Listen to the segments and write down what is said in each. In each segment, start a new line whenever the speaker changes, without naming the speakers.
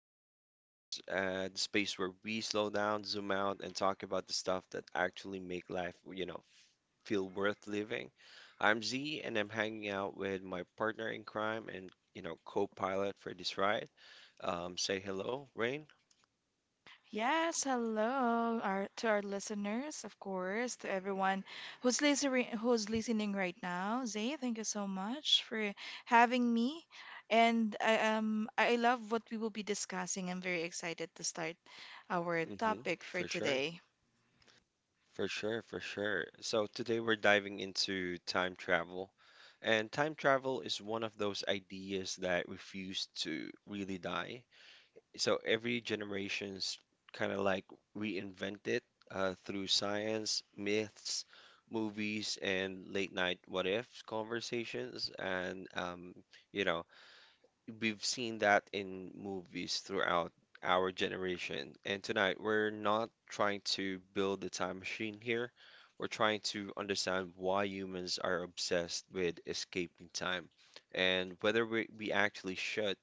Vibe Walkers, the space where we slow down, zoom out, and talk about the stuff that actually make life, feel worth living. I'm Z, and I'm hanging out with my partner in crime and, co-pilot for this ride. Say hello, Rain.
Yes, hello to our listeners, of course, to everyone who's listening right now. Zay, thank you so much for having me. And I love what we will be discussing. I'm very excited to start our
Mm-hmm.
topic for
For sure.
today.
For sure. So today we're diving into time travel. And time travel is one of those ideas that refuse to really die. So every generation's kind of like reinvent it through science, myths, movies, and late night what ifs conversations. You know, we've seen that in movies throughout our generation. And tonight, we're not trying to build a time machine here. We're trying to understand why humans are obsessed with escaping time and whether we actually should.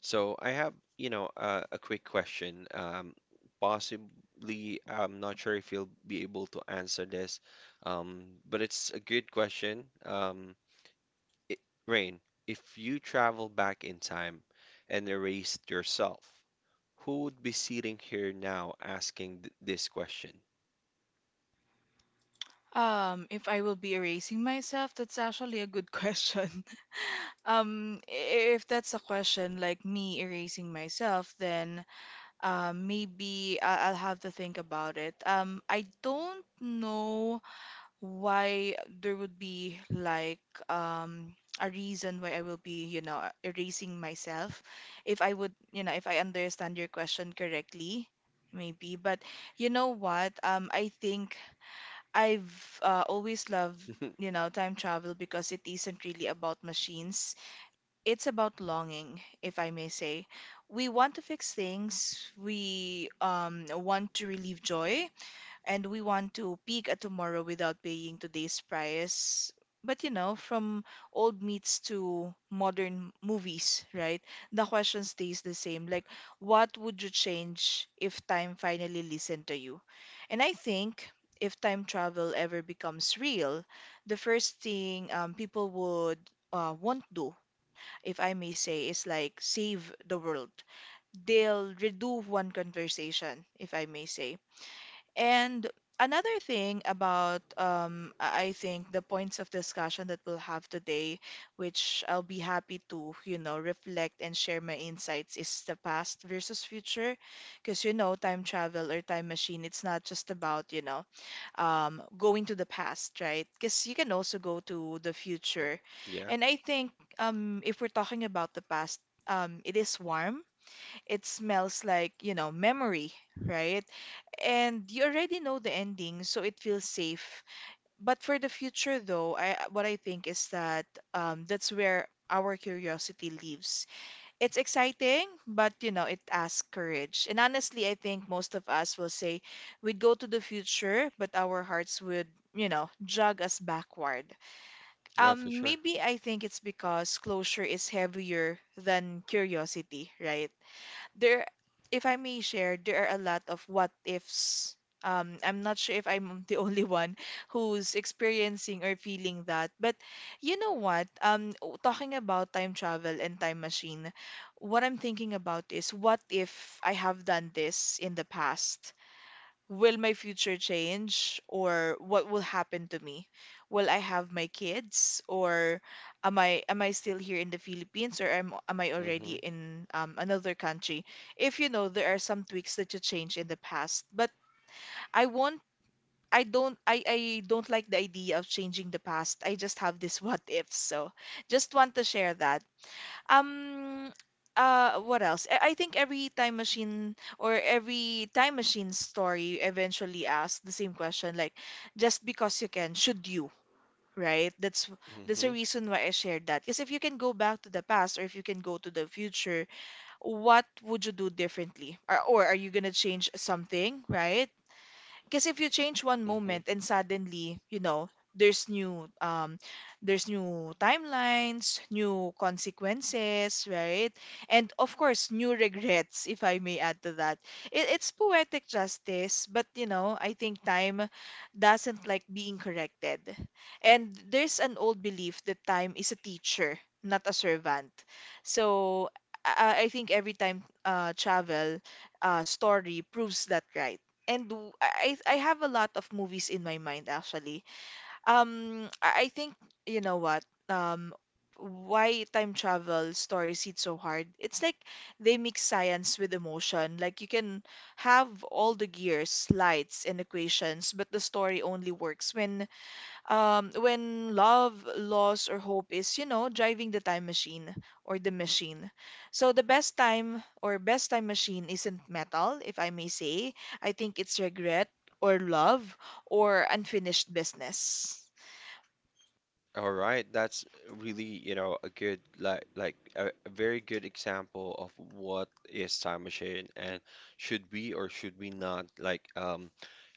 So I have, a quick question. Possibly, I'm not sure if you'll be able to answer this, but it's a good question. It, Rain, if you travel back in time and erased yourself, who would be sitting here now asking th this question?
If I will be erasing myself, that's actually a good question. Um, i- if that's a question like me erasing myself, then maybe I'll have to think about it. I don't know why there would be like a reason why I will be, erasing myself. If I would, if I understand your question correctly, maybe. But you know what? I think I've always loved, you know, time travel because it isn't really about machines, it's about longing, if I may say. We want to fix things, we want to relieve joy, and we want to peek at tomorrow without paying today's price. But you know, from old meats to modern movies, right? The question stays the same. Like, what would you change if time finally listened to you? And I think if time travel ever becomes real, the first thing people would won't do, if I may say, is like save the world. They'll redo one conversation, if I may say. And another thing about, I think the points of discussion that we'll have today, which I'll be happy to, you know, reflect and share my insights, is the past versus future. Because, you know, time travel or time machine, it's not just about, you know, going to the past, right? Because you can also go to the future.
Yeah,
And I think if we're talking about the past, it is warm. It smells like, you know, memory, right? And you already know the ending, so it feels safe. But for the future, though, I what I think is that that's where our curiosity lives. It's exciting, but you know, it asks courage. And honestly, I think most of us will say we'd go to the future, but our hearts would, you know, jog us backward.
yeah, for sure.
Maybe I think it's because closure is heavier than curiosity, right? there, if I may share, there are a lot of what ifs. I'm not sure if I'm the only one who's experiencing or feeling that. But you know what? Talking about time travel and time machine, what I'm thinking about is what if I have done this in the past? Will my future change or what will happen to me? Will I have my kids, or am I still here in the Philippines, or am I already
Mm-hmm,
in another country? If you know, there are some tweaks that you change in the past, but I won't I don't like the idea of changing the past. I just have this what if. So just want to share that. Um, what else? I think every time machine or every time machine story eventually asks the same question, like, just because you can, should you? Right? That's a
mm-hmm,
reason why I shared that. Because if you can go back to the past or if you can go to the future, what would you do differently? Or are you gonna change something, right? Because if you change one
mm-hmm.
moment and suddenly, you know, there's new um there's new timelines, new consequences, right? And of course, new regrets, if I may add to that. It's poetic justice, but you know, I think time doesn't like being corrected. And there's an old belief that time is a teacher, not a servant. So, I think every time travel story proves that right. And I have a lot of movies in my mind actually. I think you know what? Why time travel stories hit so hard? It's like they mix science with emotion. Like you can have all the gears, lights, and equations, but the story only works when love, loss, or hope is, you know, driving the time machine or the machine. So the best time or best time machine isn't metal, if I may say. I think it's regret or love or unfinished business.
All right, that's really, a good like a very good example of what is time machine and should we or should we not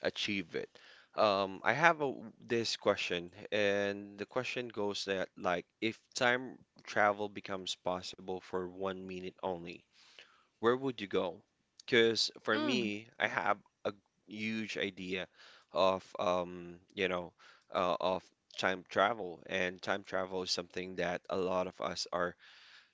achieve it. I have a, this question, and the question goes that like if time travel becomes possible for 1 minute only, where would you go? Because for
Mm.
me, I have a huge idea of of time travel, and time travel is something that a lot of us are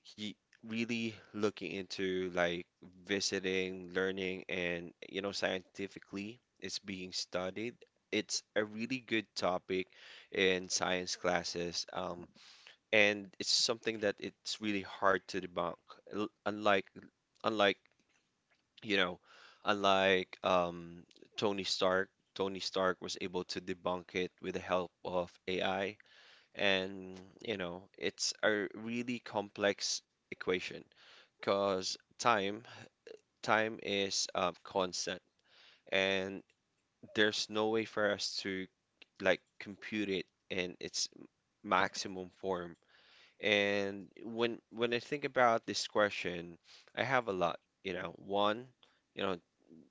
he really looking into, like visiting, learning, and you know, scientifically, it's being studied. It's a really good topic in science classes, and it's something that it's really hard to debunk, l- unlike unlike you know, unlike um, Tony Stark. Tony Stark was able to debunk it with the help of AI. And, you know, it's a really complex equation because time is constant and there's no way for us to like compute it in its maximum form. And when I think about this question, I have a lot, you know, one, you know,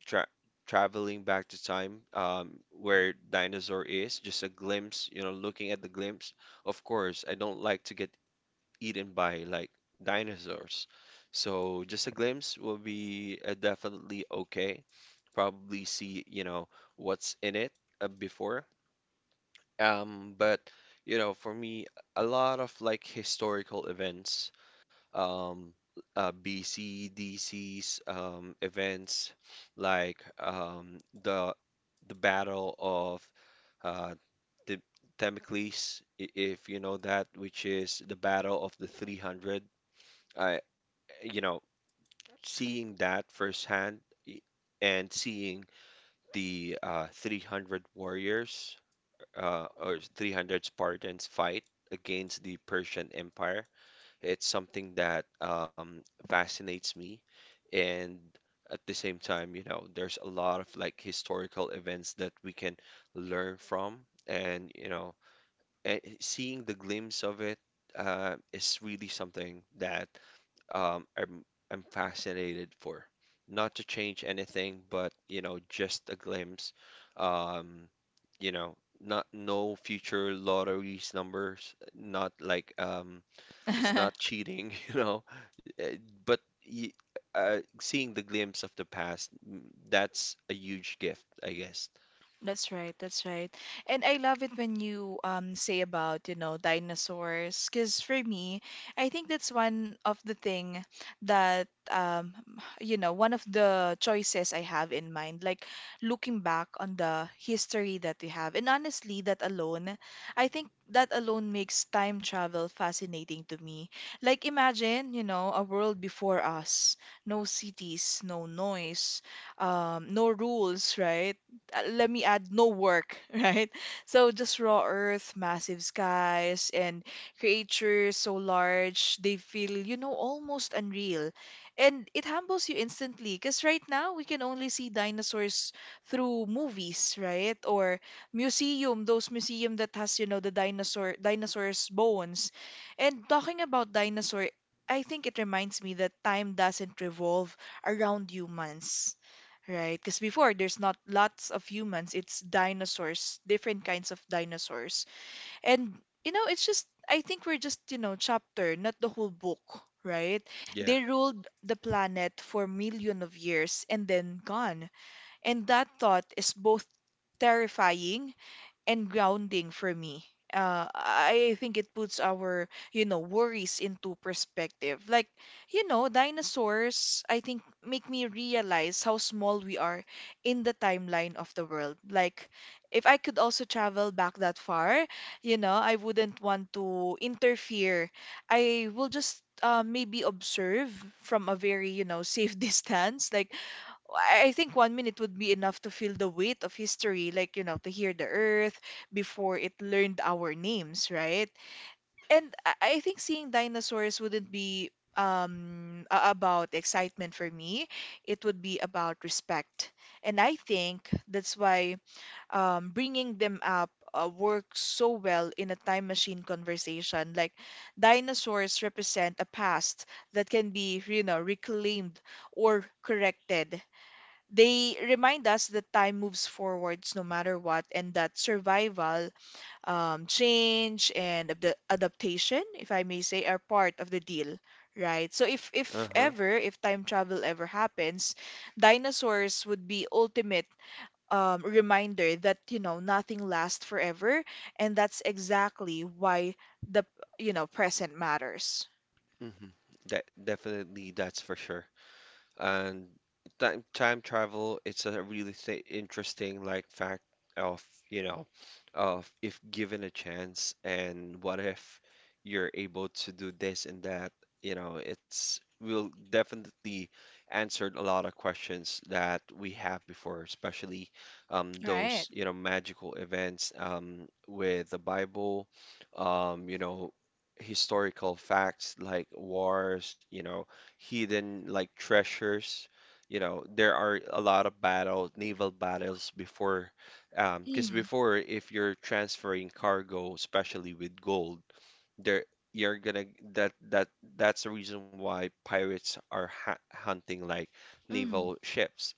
tra traveling back to time where dinosaur is, just a glimpse, you know, looking at the glimpse. Of course, I don't like to get eaten by like dinosaurs. So just a glimpse will be definitely okay. Probably see, you know, what's in it before. But you know, for me, a lot of like historical events um, BC, DC's events, like um, the Battle of uh, the Themistocles, if you know that, which is the Battle of the 300. I, you know, seeing that firsthand i- and seeing the 300 warriors or 300 Spartans fight against the Persian Empire. It's something that fascinates me, and at the same time, you know, there's a lot of like historical events that we can learn from, and you know, seeing the glimpse of it is really something that um, I'm I'm fascinated for. Not to change anything, but you know, just a glimpse. Um, you know, not no future lotteries numbers. Not like It's not cheating, you know. eh, But y- Seeing the glimpse of the past, mm, that's a huge gift, I guess.
That's right, that's right. And I love it when you say about, you know, dinosaurs, because for me, I think that's one of the thing that um you know, one of the choices I have in mind, like looking back on the history that we have. And honestly, that alone, I think that alone makes time travel fascinating to me. Like imagine, you know, a world before us, no cities, no noise, no rules, right? Let me add no work, right? So just raw earth, massive skies, and creatures so large they feel, you know, almost unreal. And it humbles you instantly because right now we can only see dinosaurs through movies, right? Or museum, those museum that has, you know, the dinosaurs bones. And talking about dinosaur, I think it reminds me that time doesn't revolve around humans. Right, because before there's not lots of humans, it's dinosaurs, different kinds of dinosaurs. And you know, it's just I think we're just, you know, chapter, not the whole book, right?
Yeah.
They ruled the planet for million of years and then gone. And that thought is both terrifying and grounding for me. I think it puts our, you know, worries into perspective. Like, you know, dinosaurs, I think, make me realize how small we are in the timeline of the world. Like, if I could also travel back that far, you know, I wouldn't want to interfere. I will just maybe observe from a very, you know, safe distance. Like, I think 1 minute would be enough to feel the weight of history, like, you know, to hear the earth before it learned our names, right? And I think seeing dinosaurs wouldn't be about excitement for me. It would be about respect. And I think that's why bringing them up works so well in a time machine conversation. Like, dinosaurs represent a past that can be, you know, reclaimed or corrected. They remind us that time moves forwards no matter what, and that survival, change and adaptation, if I may say, are part of the deal. Right, so if
Uh-huh.
ever, if time travel ever happens, dinosaurs would be ultimate reminder that, you know, nothing lasts forever. And that's exactly why the you know, present matters,
Hmm. De Definitely, that's for sure. And time travel, it's a really th interesting like fact of you know of if given a chance and what if you're able to do this and that, you know it's will definitely answered a lot of questions that we have before, especially
right?
those you know magical events with the Bible, you know, historical facts like wars, you know, hidden like treasures. You know, there are a lot of battles, naval battles before, because
Mm,
before if you're transferring cargo, especially with gold, there you're gonna that that that's the reason why pirates are ha hunting like
mm,
naval ships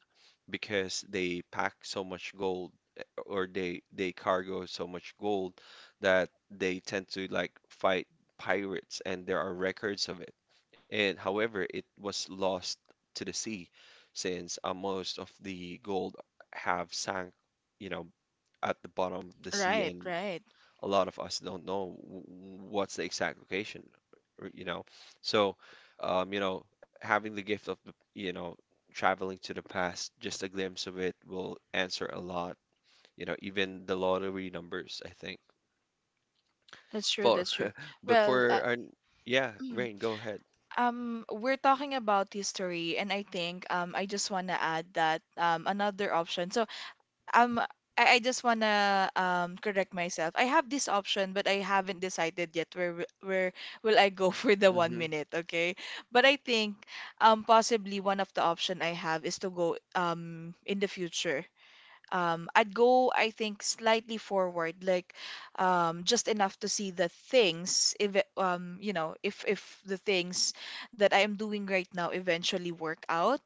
because they pack so much gold, or they cargo so much gold that they tend to like fight pirates, and there are records of it. And however, it was lost to the sea since most of the gold have sank, you know, at the bottom of the sea,
right,
and
right,
a lot of us don't know what's the exact location, or, you know. So, you know, having the gift of the, you know, traveling to the past, just a glimpse of it will answer a lot. You know, even the lottery numbers, I think.
that's true,
For
that's true.
but
Well,
for our yeah,
mm.
Rain, go ahead.
We're talking about history, and I think I just want to add that another option. So, um, I just want to correct myself. I have this option, but I haven't decided yet where will I go for the one
Hmm.
minute. Okay, but I think possibly one of the option I have is to go in the future. I'd go, I think, slightly forward, like just enough to see the things, if it- you know, if the things that I am doing right now eventually work out.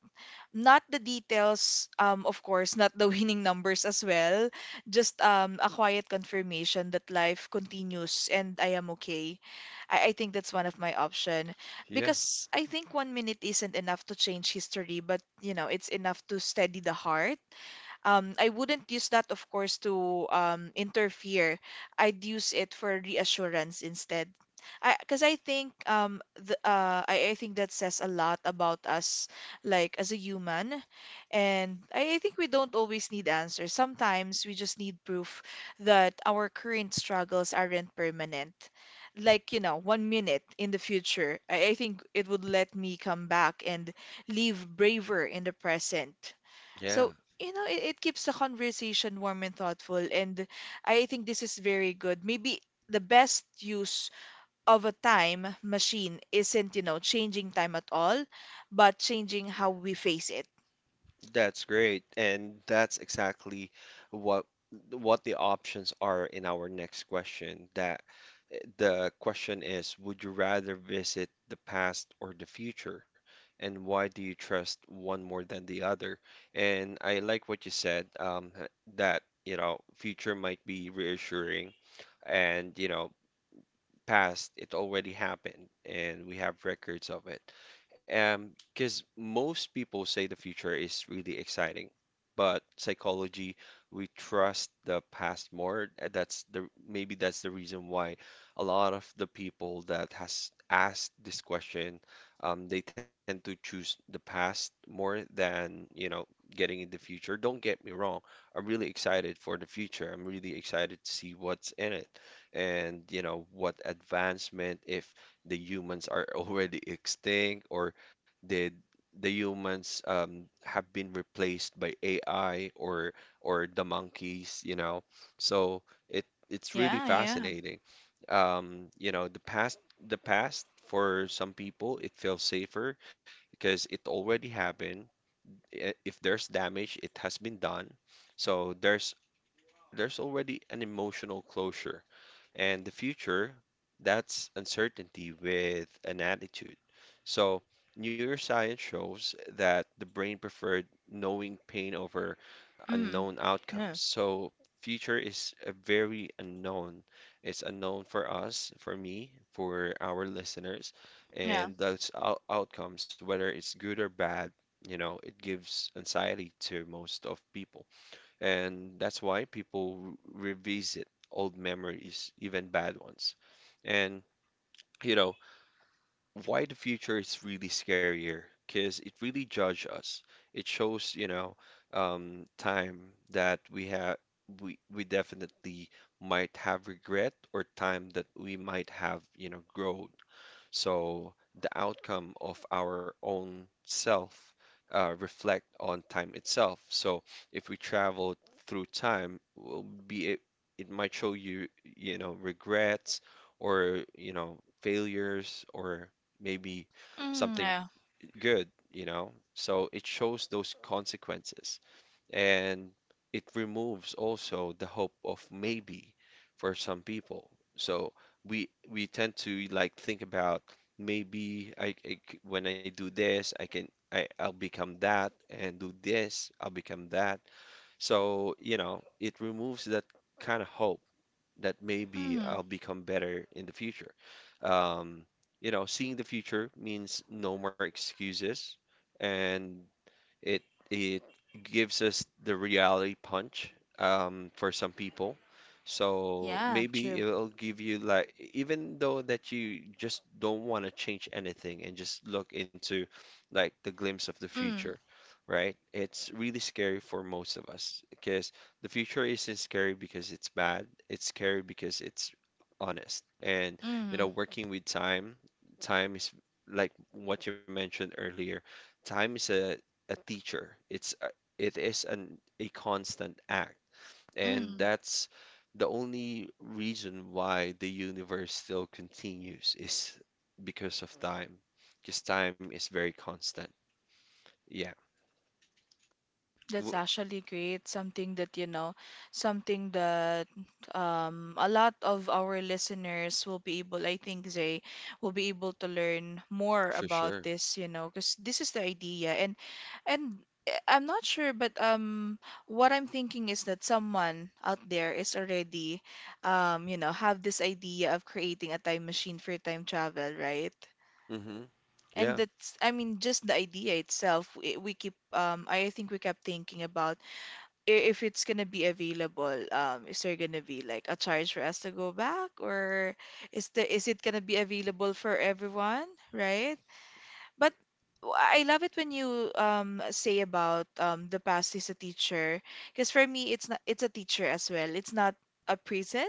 Not the details, of course, not the winning numbers as well. Just a quiet confirmation that life continues and I am okay. I think that's one of my option
Yeah,
because I think 1 minute isn't enough to change history, but you know, it's enough to steady the heart. I wouldn't use that, of course, to interfere. I'd use it for reassurance instead. Because I think I think that says a lot about us, like as a human. And I think we don't always need answers. Sometimes we just need proof that our current struggles aren't permanent. Like, you know, 1 minute in the future, I think it would let me come back and live braver in the present.
yeah.
So you know, it keeps the conversation warm and thoughtful. And I think this is very good. Maybe the best use of a time machine isn't, you know, changing time at all, but changing how we face it.
That's great. And that's exactly what what the options are in our next question. That the question is, would you rather visit the past or the future? And why do you trust one more than the other? And I like what you said, that, you know, future might be reassuring and, you know, past, it already happened, and we have records of it. Because most people say the future is really exciting, but psychology, we trust the past more. And That's the maybe that's the reason why a lot of the people that has asked this question, they tend to choose the past more than, you know, getting in the future. Don't get me wrong. I'm really excited for the future. I'm really excited to see what's in it and you know what advancement if the humans are already extinct or did the humans have been replaced by AI or the monkeys, you know. So it it's really
Yeah, yeah.
fascinating. You know, the past for some people it feels safer because it already happened. If there's damage it has been done, so there's already an emotional closure. And the future, that's uncertainty with an attitude. So, neuroscience shows that the brain preferred knowing pain over
Mm,
unknown
yeah.
outcomes. So, future is a very unknown. It's unknown for us, for me, for our listeners,
Yeah.
and those outcomes, whether it's good or bad, you know, it gives anxiety to most of people. And that's why people revisit old memories, even bad ones. And, you know, why the future is really scarier, because it really judges us. It shows, you know, time that we have, we definitely might have regret or time that we might have, you know, growth. So the outcome of our own self reflect on time itself. So if we travel through time, will be it, it might show you, you know, regrets or, you know, failures or maybe
Mm,
something
yeah.
good, you know. So it shows those consequences, and it removes also the hope of maybe for some people. So we tend to like think about maybe when I do this I'll become that and do this I'll become that. So you know it removes that kind of hope that maybe
Mm.
I'll become better in the future. Um, you know, seeing the future means no more excuses, and it it gives us the reality punch for some people. So
Yeah,
maybe
true.
it'll give you like even though that you just don't want to change anything and just look into like the glimpse of the future,
Mm,
right? It's really scary for most of us because the future isn't scary because it's bad. It's scary because it's honest. And you know,
mm,
working with time, time is like what you mentioned earlier. Time is a teacher. It's a, it is an a constant act, and
mm.
that's the only reason why the universe still continues is because of time, because time is very constant. Yeah, w
That's actually great. Something that, you know, something that a lot of our listeners will be able, I think they will be able to learn more
for
about
sure.
this, you know, because this is the idea. And and I'm not sure, but what I'm thinking is that someone out there is already you know, have this idea of creating a time machine for time travel, right?
Hmm.
And
Yeah.
that's, I mean, just the idea itself, we keep, I think we kept thinking about if it's gonna be available. Is there gonna be like a charge for us to go back, or is it gonna be available for everyone, right? But I love it when you say about the past is a teacher, because for me it's not, it's a teacher as well. It's not a prison,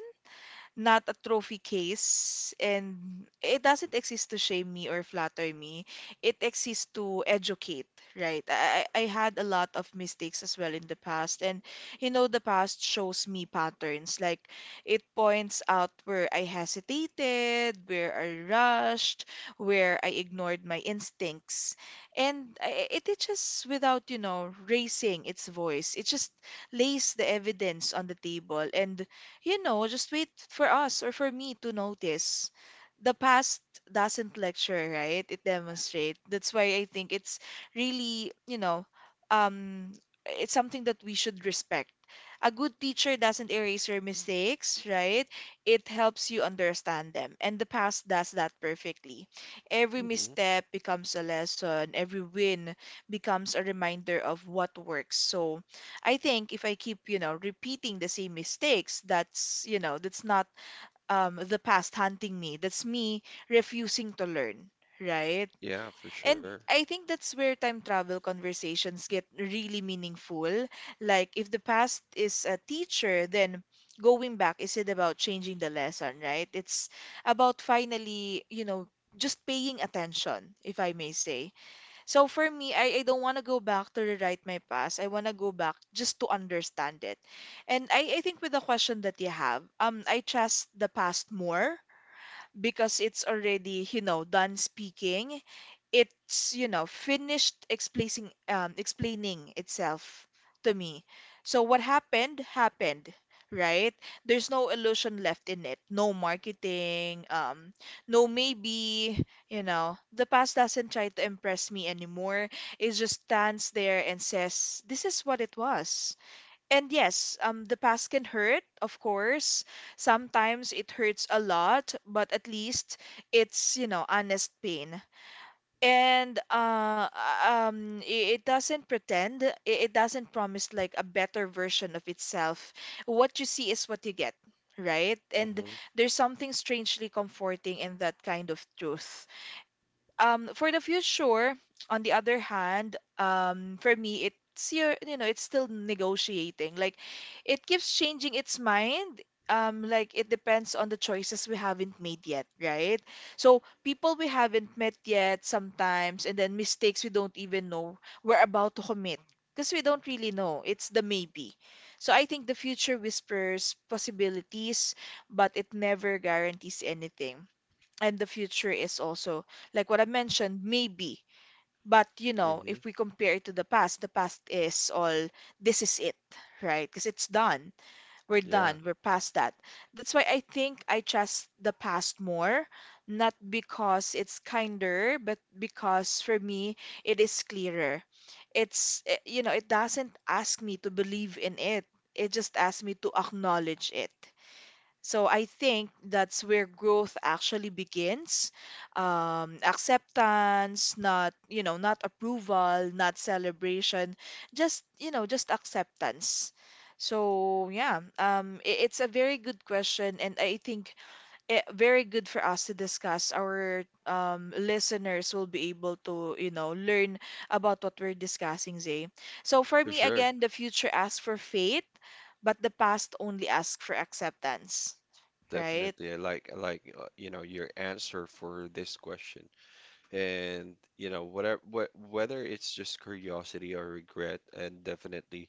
not a trophy case, and it doesn't exist to shame me or flatter me. It exists to educate. Right, I had a lot of mistakes as well in the past, and the past shows me patterns. Like, it points out where I hesitated, where I rushed, where I ignored my instincts. And it teaches without, raising its voice. It just lays the evidence on the table, and just wait for us or for me to notice. The past doesn't lecture, right? It demonstrates. That's why I think it's really, you know, um, it's something that we should respect. A good teacher doesn't erase your mistakes, right? It helps you understand them. And the past does that perfectly. Every
Hmm.
misstep becomes a lesson, every win becomes a reminder of what works. So, I think if I keep, repeating the same mistakes, that's not the past hunting me. That's me refusing to learn, right?
Yeah, for sure.
And I think that's where time travel conversations get really meaningful. Like, if the past is a teacher, then going back isn't about changing the lesson, right? It's about finally just paying attention, if I may say. So for me, I don't want to go back to rewrite my past. I want to go back just to understand it. And I think with the question that you have, I trust the past more because it's already done speaking. It's finished explaining, explaining itself to me. So what happened happened, right? There's no illusion left in it. No marketing, no maybe. The past doesn't try to impress me anymore. It just stands there and says, "This is what it was." And yes, the past can hurt, of course. Sometimes it hurts a lot, but at least it's honest pain. And it doesn't pretend, it doesn't promise like a better version of itself. What you see is what you get, right? And
Hmm.
there's something strangely comforting in that kind of truth. For the future, on the other hand, for me, it's your, you know, it's still negotiating. Like, it keeps changing its mind. Like it depends on the choices we haven't made yet, right? So people we haven't met yet sometimes, and then mistakes we don't even know we're about to commit because we don't really know. It's the maybe. So I think the future whispers possibilities, but it never guarantees anything, and the future is also like what I mentioned, maybe. But if
Hmm.
we compare it to the past is all this is it, right? Because it's done. We're
Yeah,
done. We're past that. That's why I think I trust the past more, not because it's kinder, but because for me it is clearer. It's eh, you know, it doesn't ask me to believe in it. It just asks me to acknowledge it. So I think that's where growth actually begins. Acceptance, not, you know, not approval, not celebration, just acceptance. So yeah, it's a very good question, and I think very good for us to discuss. Our listeners will be able to learn about what we're discussing, Zay. So for
for
me,
sure.
again, the future asks for faith, but the past only asks for acceptance, right?
Definitely. I like you know your answer for this question. And you know, whatever wh whether it's just curiosity or regret, and definitely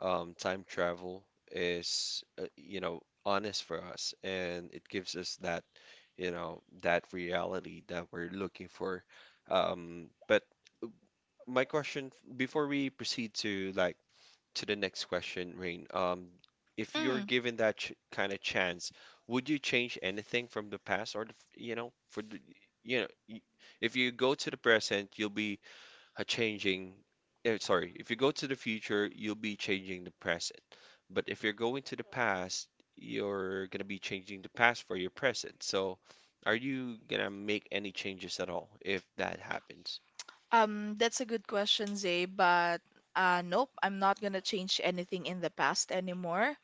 time travel is you know honest for us, and it gives us that you know that reality that we're looking for. But my question before we proceed to like to the next question, Rain. If you're
Mm.
given that ch kind of chance, would you change anything from the past or the, you know, for the, you know, if you go to the present, you'll be uh, changing, if you go to the future, you'll be changing the present. But if you're going to the past, you're gonna be changing the past for your present. So, are you gonna make any changes at all if that happens?
That's a good question, Zay, but nope, I'm not gonna change anything in the past anymore.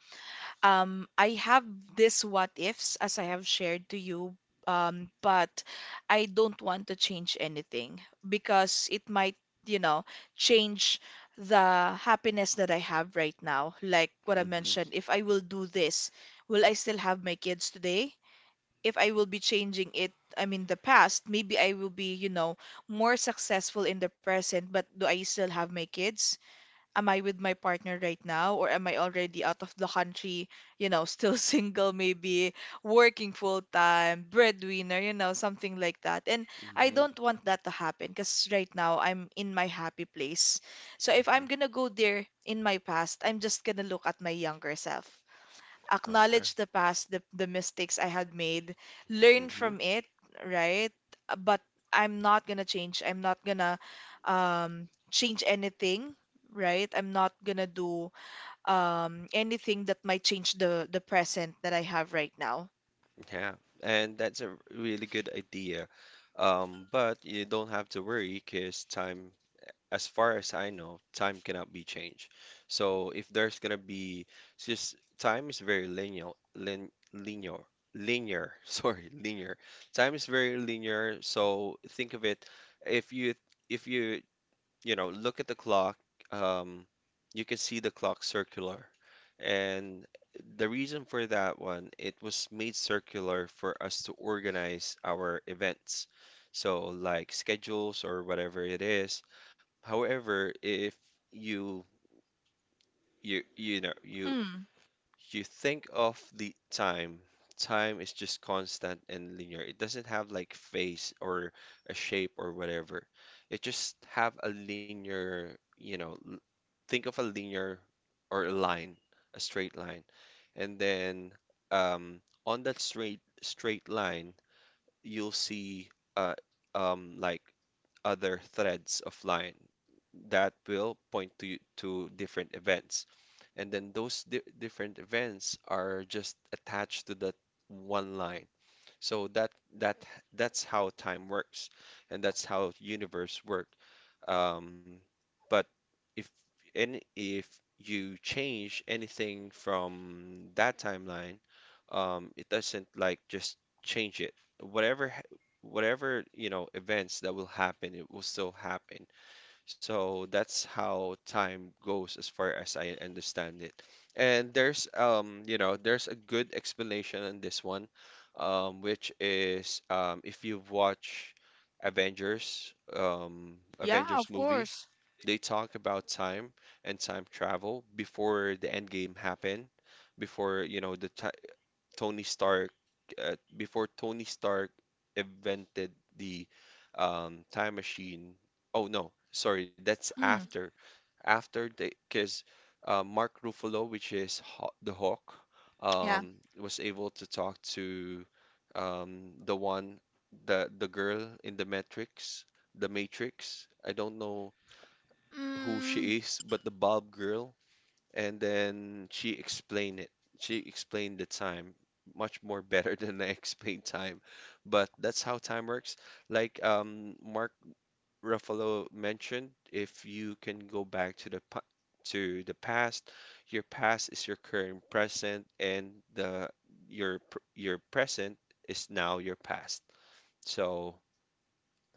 I have this what ifs as I have shared to you, but I don't want to change anything because it might, you know, change the happiness that I have right now. Like what I
Mm-hmm.
mentioned, if I will do this, will I still have my kids today? If I will be changing it, I mean the past, maybe I will be more successful in the present, but do I still have my kids? Am I with my partner right now, or am I already out of the country, still single maybe, working full time, breadwinner, something like that. And
Mm-hmm.
I
Mm-hmm.
don't want that to happen because right now I'm in my happy place. So if I'm gonna go there in my past, I'm just gonna look at my younger self,
Okay.
acknowledge the past, the mistakes I had made, learn
Hmm.
from it, right? But I'm not gonna change. I'm not gonna change anything, right? I'm not gonna do anything that might change the present that I have right now.
Yeah, and that's a really good idea. But you don't have to worry because time, as far as I know, time cannot be changed. So if there's gonna be it's just time is very linearlinear, Sorry, linear. Time is very linear. So think of it, if you if you look at the clock, um, you can see the clock circular. And the reason for that one, it was made circular for us to organize our events. So, like schedules or whatever it is. However, if you you you know you
Mm,
you think of the time. Time is just constant and linear. It doesn't have like phase or a shape or whatever. It just have a linear, think of a linear or a line, a straight line. And then on that straight line, you'll see uh, like other threads of line that will point to different events, and then those di different events are just attached to that one line. So that that's how time works, and that's how universe work. Um, but if if you change anything from that timeline, it doesn't like just change it. Whatever ha- whatever events that will happen, it will still happen. So that's how time goes as far as I understand it. And there's you know there's a good explanation on this one, which is if you've watched Avengers
yeah,
Avengers
of
movie.
course.
They talk about time and time travel before the end game happened, before you know the ti Tony Stark, before Tony Stark invented the time machine. Oh no, sorry, that's
Mm,
after. After because Mark Ruffalo, which is Haw the Hawk,
yeah.
was able to talk to um, the one, the girl in the Matrix, the Matrix. I don't know who
Mm,
she is, but the Bob girl. And then she explained it. She explained the time much more better than I explained time. But that's how time works. Like Mark Ruffalo mentioned, if you can go back to the past, your past is your current present, and your present is now your past. So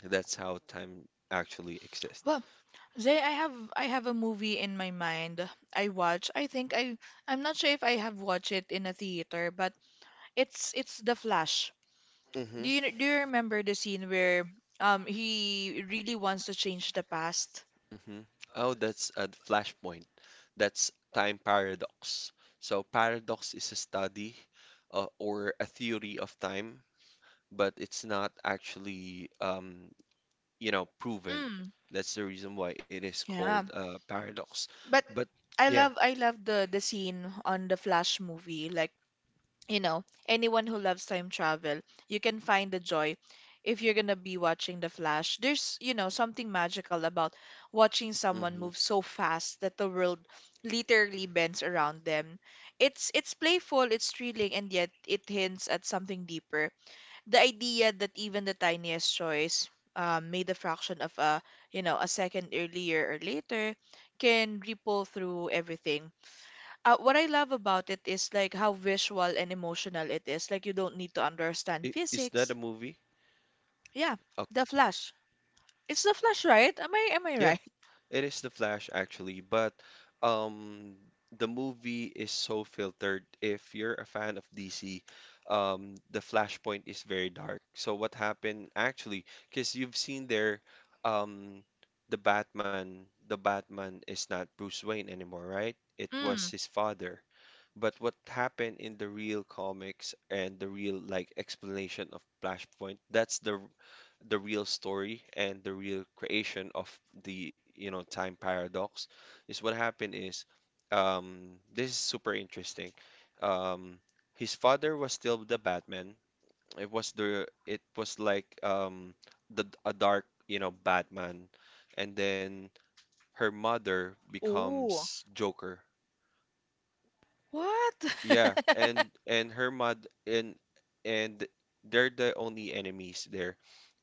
that's how time actually exists.
well, Zay, I have a movie in my mind. I watch. I think I'm not sure if I have watched it in a theater, but it's The Flash. Do you remember the scene where he really wants to change the past?
Mhm. Oh, that's a flashpoint. That's time paradox. So, paradox is a study or a theory of time, but it's not actually, proven.
Mm,
That's the reason why it is called
yeah.
paradox.
But
But
I
yeah.
love I love the scene on the Flash movie. Like, you know, anyone who loves time travel, you can find the joy if you're gonna be watching the Flash. There's something magical about watching someone
hmm
move so fast that the world literally bends around them. It's playful, it's thrilling, and yet it hints at something deeper. The idea that even the tiniest choice made a fraction of a you know a second earlier or later can ripple through everything. What I love about it is like how visual and emotional it is. Like, you don't need to understand
Is
physics.
that a movie?
Yeah, the Flash. It's the Flash, right? Am I right?
Yeah, it is The Flash actually, but um the movie is so filtered. If you're a fan of DC, the Flashpoint is very dark. So what happened actually, because you've seen there um the Batman is not Bruce Wayne anymore, right? It was
Mm.
his father. But what happened in the real comics and the real like explanation of Flashpoint, that's the real story and the real creation of the time paradox is what happened is, this is super interesting. um his father was still the Batman. It was like the a dark Batman, and then her mother
Oh,
becomes Joker.
what?
Yeah, and her mud and they're the only enemies there.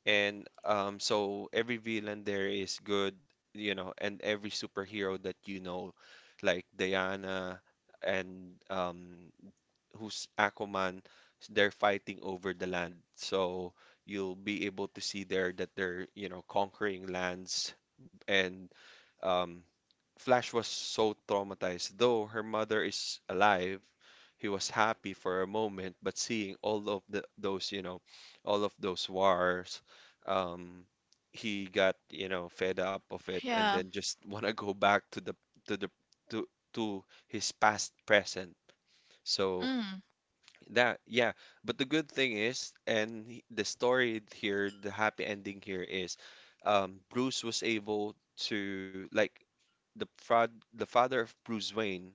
And so every villain there is good, and every superhero that you know, like Diana and who's Aquaman, they're fighting over the land. So you'll be able to see there that they're, conquering lands, and um, Flash was so traumatized. Though her mother is alive, he was happy for a moment, but seeing all of the, those, you know, all of those wars, um, he got, fed up of it and
Yeah.
then just want to go back to the to the to to his past present. So
Mm.
that, yeah. But the good thing is, the story here, the happy ending here is, Bruce was able to, like, the father of Bruce Wayne,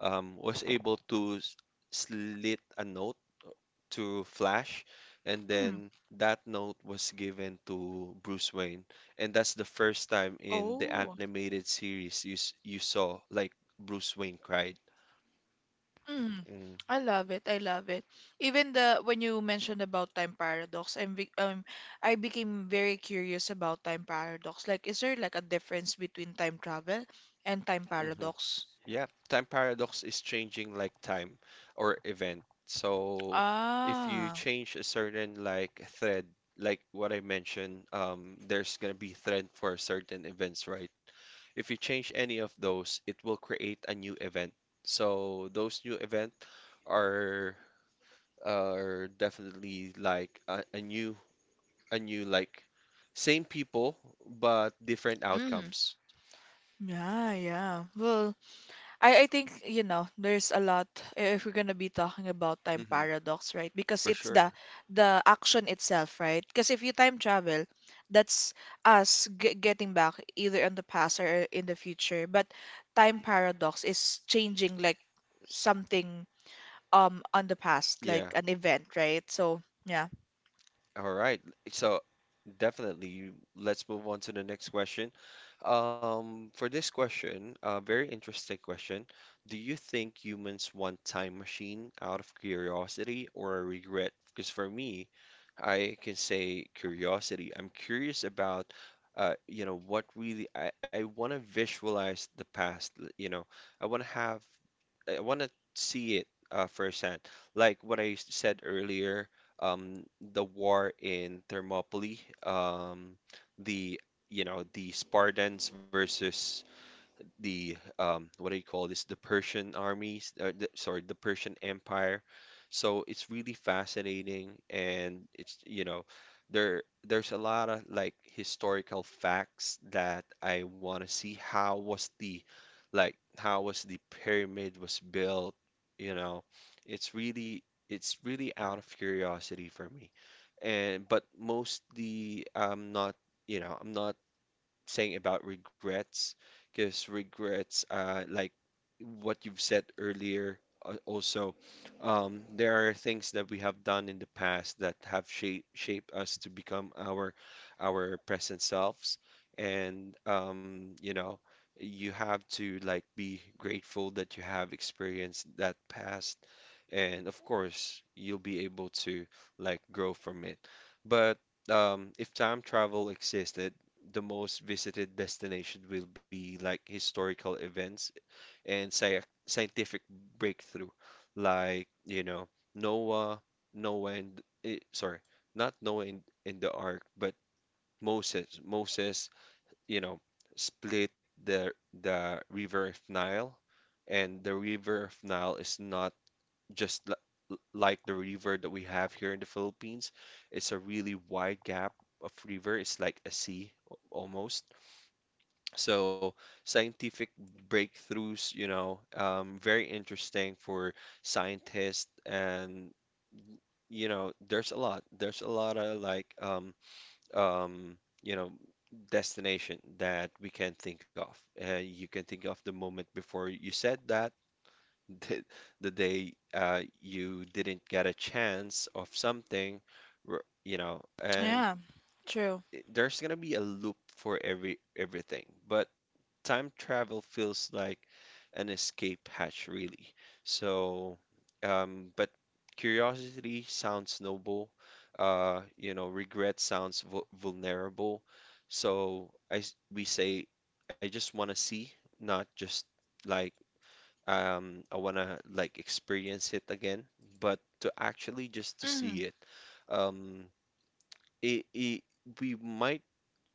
was able to slit a note to Flash, and
Mm.
then that note was given to Bruce Wayne, and that's the first time in the
Oh.
animated series you saw like Bruce Wayne cried.
Mm, I love it. I love it. Even the when you mentioned about time paradox, I became very curious about time paradox. Like, is there like a difference between time travel and time
Mm-hmm.
paradox?
Yeah, time paradox is changing like time or event. So if you
Ah.
change a certain like thread, like what I mentioned, there's gonna be thread for certain events, right? If you change any of those, it will create a new event. So those new event are are definitely like a new a new like same people but different
Mm.
outcomes.
Yeah, yeah. Well, I think, there's a lot if we're gonna be talking about time
hmm
paradox, right? Because
For
it's
sure.
the action itself, right? Because if you time travel, that's us g getting back either in the past or in the future. But time paradox is changing like something on the past, like
Yeah.
an event, right? So yeah,
All right. So definitely, let's move on to the next question. For this question, a very interesting question. Do you think humans want time machine out of curiosity or regret? Because for me, I can say curiosity. I'm curious about, what really I want to visualize the past. I want to have I want to see it firsthand. Like what I said earlier, the war in Thermopylae, um, the you know the Spartans versus the, what do you call this? The Persian armies, sorry, the Persian Empire. So it's really fascinating, and it's you know, there there's a lot of like historical facts that I want to see. How was the pyramid was built? You know, it's really out of curiosity for me, and but mostly I'm not saying about regrets, because regrets, like what you've said earlier, also, there are things that we have done in the past that have shaped us to become our present selves, and you have to like be grateful that you have experienced that past, and of course you'll be able to like grow from it. But if time travel existed, the most visited destination will be like historical events and scientific breakthrough, like, you know, Noah, Noah and, sorry, not Noah in, the ark, but Moses. Moses, you know, split the river of Nile, and the river of Nile is not just like the river that we have here in the Philippines. It's a really wide gap of river. It's like a sea, almost. So scientific breakthroughs, very interesting for scientists, and, there's a lot. There's a lot of like, um, you know, destination that we can think of. You can think of the moment before you said that, the, the day, you didn't get a chance of something, r- you know, and
yeah, true.
i- there's gonna be a loop for everything, but time travel feels like an escape hatch, really. So, but curiosity sounds noble. Regret sounds vulnerable. So we say, I just want to see, not just like, I want to like experience it again, but to actually just to
Mm,
see it. Um, it, it we might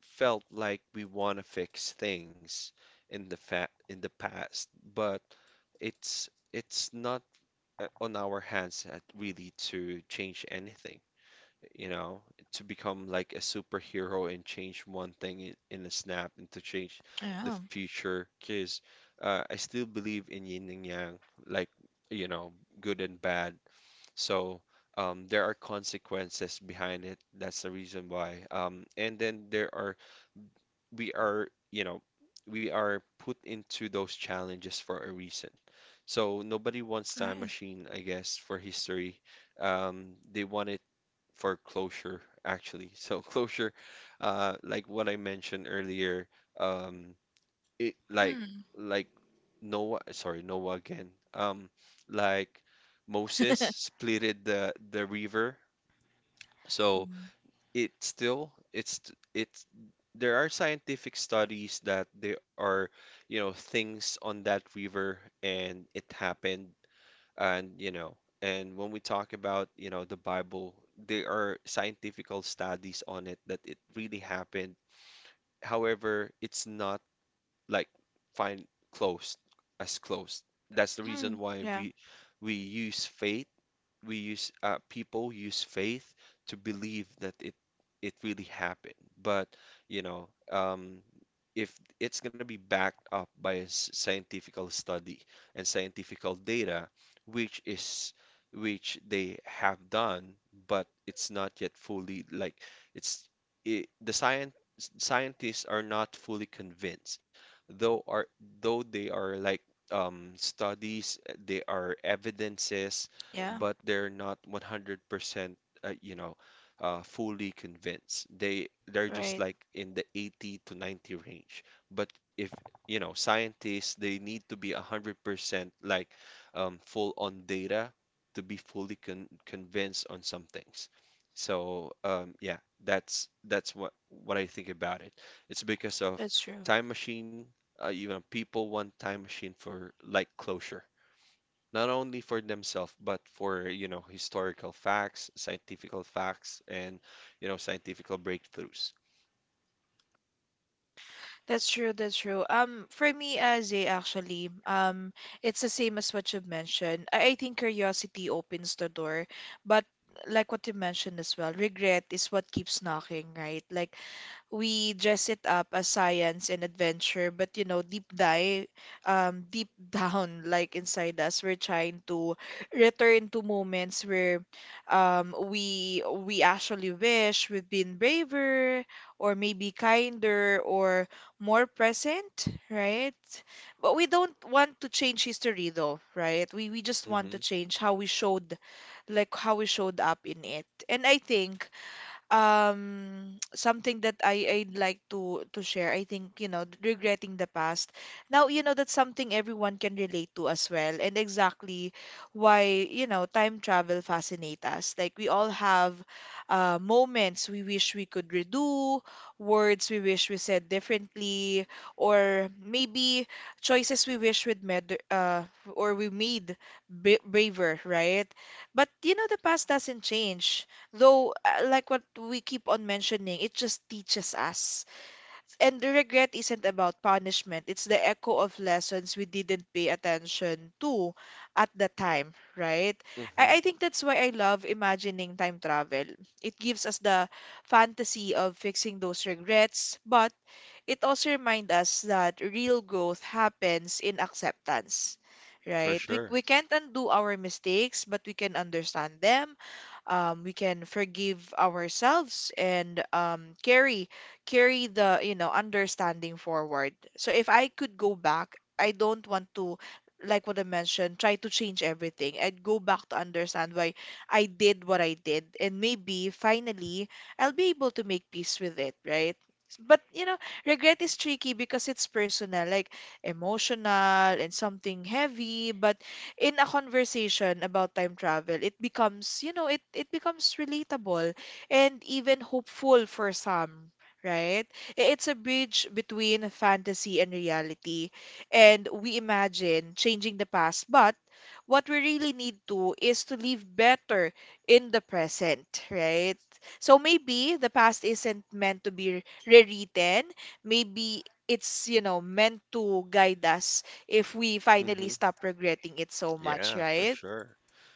felt like we want to fix things in the past, but it's not, on our hands at really to change anything, you know, to become like a superhero and change one thing in a snap and to change the
yeah,
future. Because, I still believe in yin and yang, like, you know, good and bad. So, there are consequences behind it. That's the reason why. And then there are we are, you know, we are put into those challenges for a reason. So nobody wants time
right.
machine, I guess, for history. They want it for closure, actually. So closure, like what I mentioned earlier, um, it like
Mm.
like Noah, sorry, Noah again. Like Moses splitted the river. So
Mm.
it still it's t- it's there are scientific studies that there are things on that river, and it happened. And and when we talk about the Bible, there are scientific studies on it that it really happened. However, it's not like find close as close. That's the reason
Mm,
why
yeah,
we use faith. We use uh, people use faith to believe that it really happened. But, you know, um, if it's gonna be backed up by a scientifical study and scientifical data, which is which they have done, but it's not yet fully like it's the science scientists are not fully convinced, though are though they are like, studies, they are evidences,
yeah,
but they're not 100% uh, you know fully convinced. They're just
right.
like in the 80 to 90 range, but if scientists, they need to be 100% like, full on data, to be fully convinced on some things. So, yeah, that's what I think about it. It's because of
That's true.
Time Machine, people want Time Machine for like closure, not only for themselves but for historical facts, scientifical facts, and scientifical breakthroughs.
That's true, that's true. For me as a actually, it's the same as what you mentioned. I think curiosity opens the door, but like what you mentioned as well, regret is what keeps knocking, right? Like, we dress it up as science and adventure, but deep down, like inside us, we're trying to return to moments where, we actually wish we'd been braver, or maybe kinder, or more present, right? But we don't want to change history, though, right? We just want to
Hmm.
change how we showed up in it, and I think something that I'd like to share. I think, regretting the past. Now, that's something everyone can relate to as well, and exactly why time travel fascinate us. Like, we all have, moments we wish we could redo, words we wish we said differently, or maybe choices we wish we'd made or we made b braver, right? But, the past doesn't change. Though, like what we keep on mentioning, it just teaches us. And the regret isn't about punishment, it's the echo of lessons we didn't pay attention to at the time, right?
Hmm.
I think that's why I love imagining time travel. It gives us the fantasy of fixing those regrets, but it also reminds us that real growth happens in acceptance,
For
right? We,
sure.
we can't undo our mistakes, but we can understand them. We can forgive ourselves, and carry the understanding forward. So if I could go back, I don't want to, like what I mentioned, try to change everything. I'd go back to understand why I did what I did, and maybe finally I'll be able to make peace with it, right? But, regret is tricky because it's personal, like emotional and something heavy. But in a conversation about time travel, it becomes, you know, it becomes relatable and even hopeful for some. Right? It's a bridge between fantasy and reality. And we imagine changing the past, but what we really need to is to live better in the present, right? So maybe the past isn't meant to be rewritten, maybe it's, meant to guide us if we
Hmm.
finally stop regretting it so
Yeah,
much,
for
right?
sure.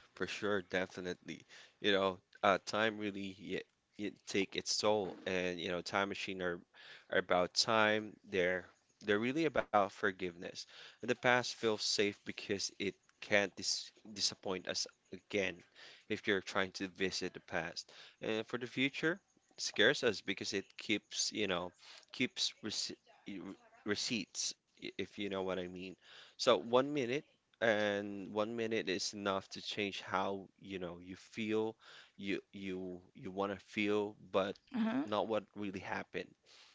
For sure, definitely. You know, time really y y take its toll, and you know, Time Machine are about time. They're really about forgiveness. And the past feels safe because it can't disappoint us again if you're trying to visit the past. And for the future, it scares us because it keeps y- re- receipts, if you know what I mean. So one minute and one minute is enough to change how you feel, you want to feel, but
Uh-huh.
not what really happened.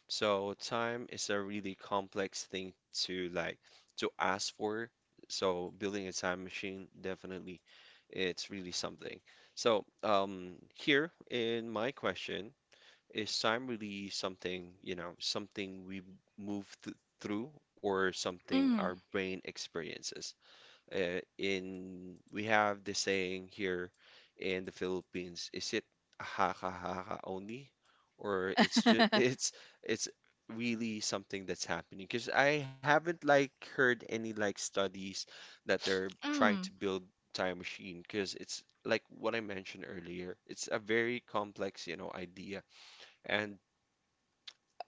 So time is a really complex thing to like to ask for. So building a time machine, definitely, it's really something. So here in my question, is time really something, you know, something we move th through, or something
Mm.
our brain experiences? In We have the saying here in the Philippines, is it haka haka only, or it's just it's really something that's happening? Because I haven't like heard any like studies that they're trying to
Mm.
build time machine. Because it's like what I mentioned earlier, it's a very complex idea, and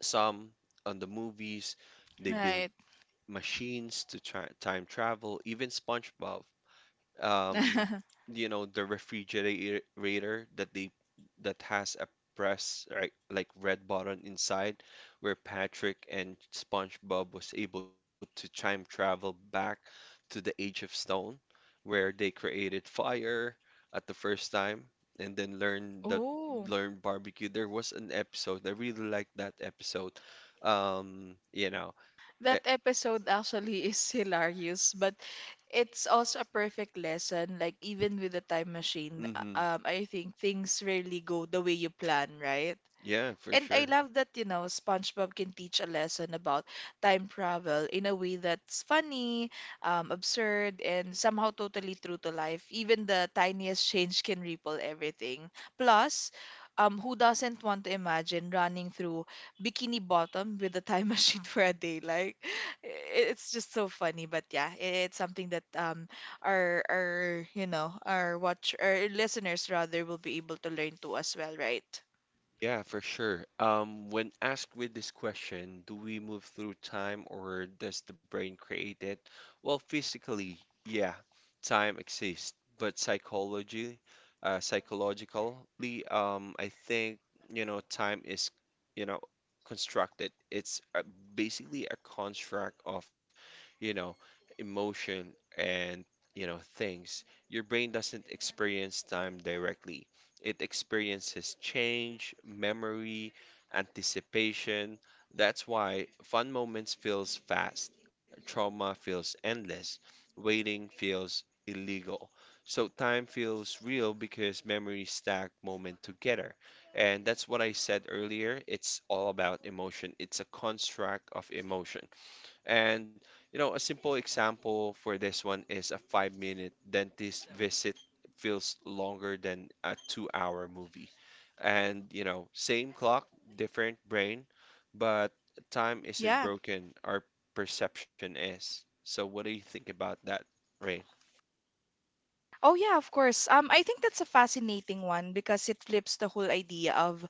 some on the movies they build
Right.
machines to try time travel. Even SpongeBob, um, the refrigerator that has a press right like red button inside, where Patrick and SpongeBob was able to time travel back to the Age of Stone, where they created fire at the first time and then
Oh,
learn barbecue. There was an episode. I really liked that episode. Um, you know, e-
that episode actually is hilarious, but it's also a perfect lesson. Like even with the time machine,
Mm-hmm.
I think things rarely go the way you plan, right?
Yeah, for
And I
sure.
love that, you know, SpongeBob can teach a lesson about time travel in a way that's funny, absurd, and somehow totally true to life. Even the tiniest change can ripple everything. Plus, who doesn't want to imagine running through Bikini Bottom with a time machine for a day? Like, it's just so funny. But yeah, it's something that you know, our listeners rather will be able to learn to as well, right?
Yeah, for sure. When asked with this question, do we move through time or does the brain create it? Well, physically, yeah, time exists, but psychologically, I think, time is, you know, constructed. It's basically a construct of, you know, emotion, and, things. Your brain doesn't experience time directly. It experiences change, memory, anticipation. That's why fun moments feels fast, trauma feels endless, waiting feels illegal. So time feels real because memories stack moment together. And that's what I said earlier. It's all about emotion. It's a construct of emotion. And a simple example for this one is a 5-minute dentist visit feels longer than a 2-hour movie. And same clock, different brain, but time isn't broken, our perception is. So what do you think about that, Rain?
Oh yeah, of course. I think that's a fascinating one because it flips the whole idea of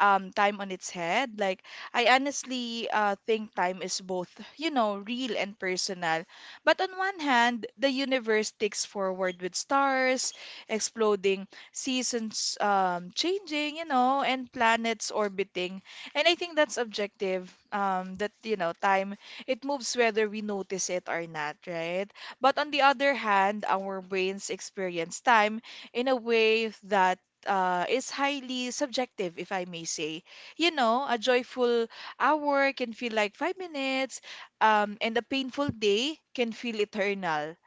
time on its head. Like, I honestly think time is both, you know, real and personal. But on one hand, the universe ticks forward with stars exploding, seasons changing, you know, and planets orbiting. And I think that's objective. That, you know, time, it moves whether we notice it or not, right? But on the other hand, our brains experience time in a way that is highly subjective, if I may say. You know, a joyful hour can feel like 5 minutes, and a painful day can feel eternal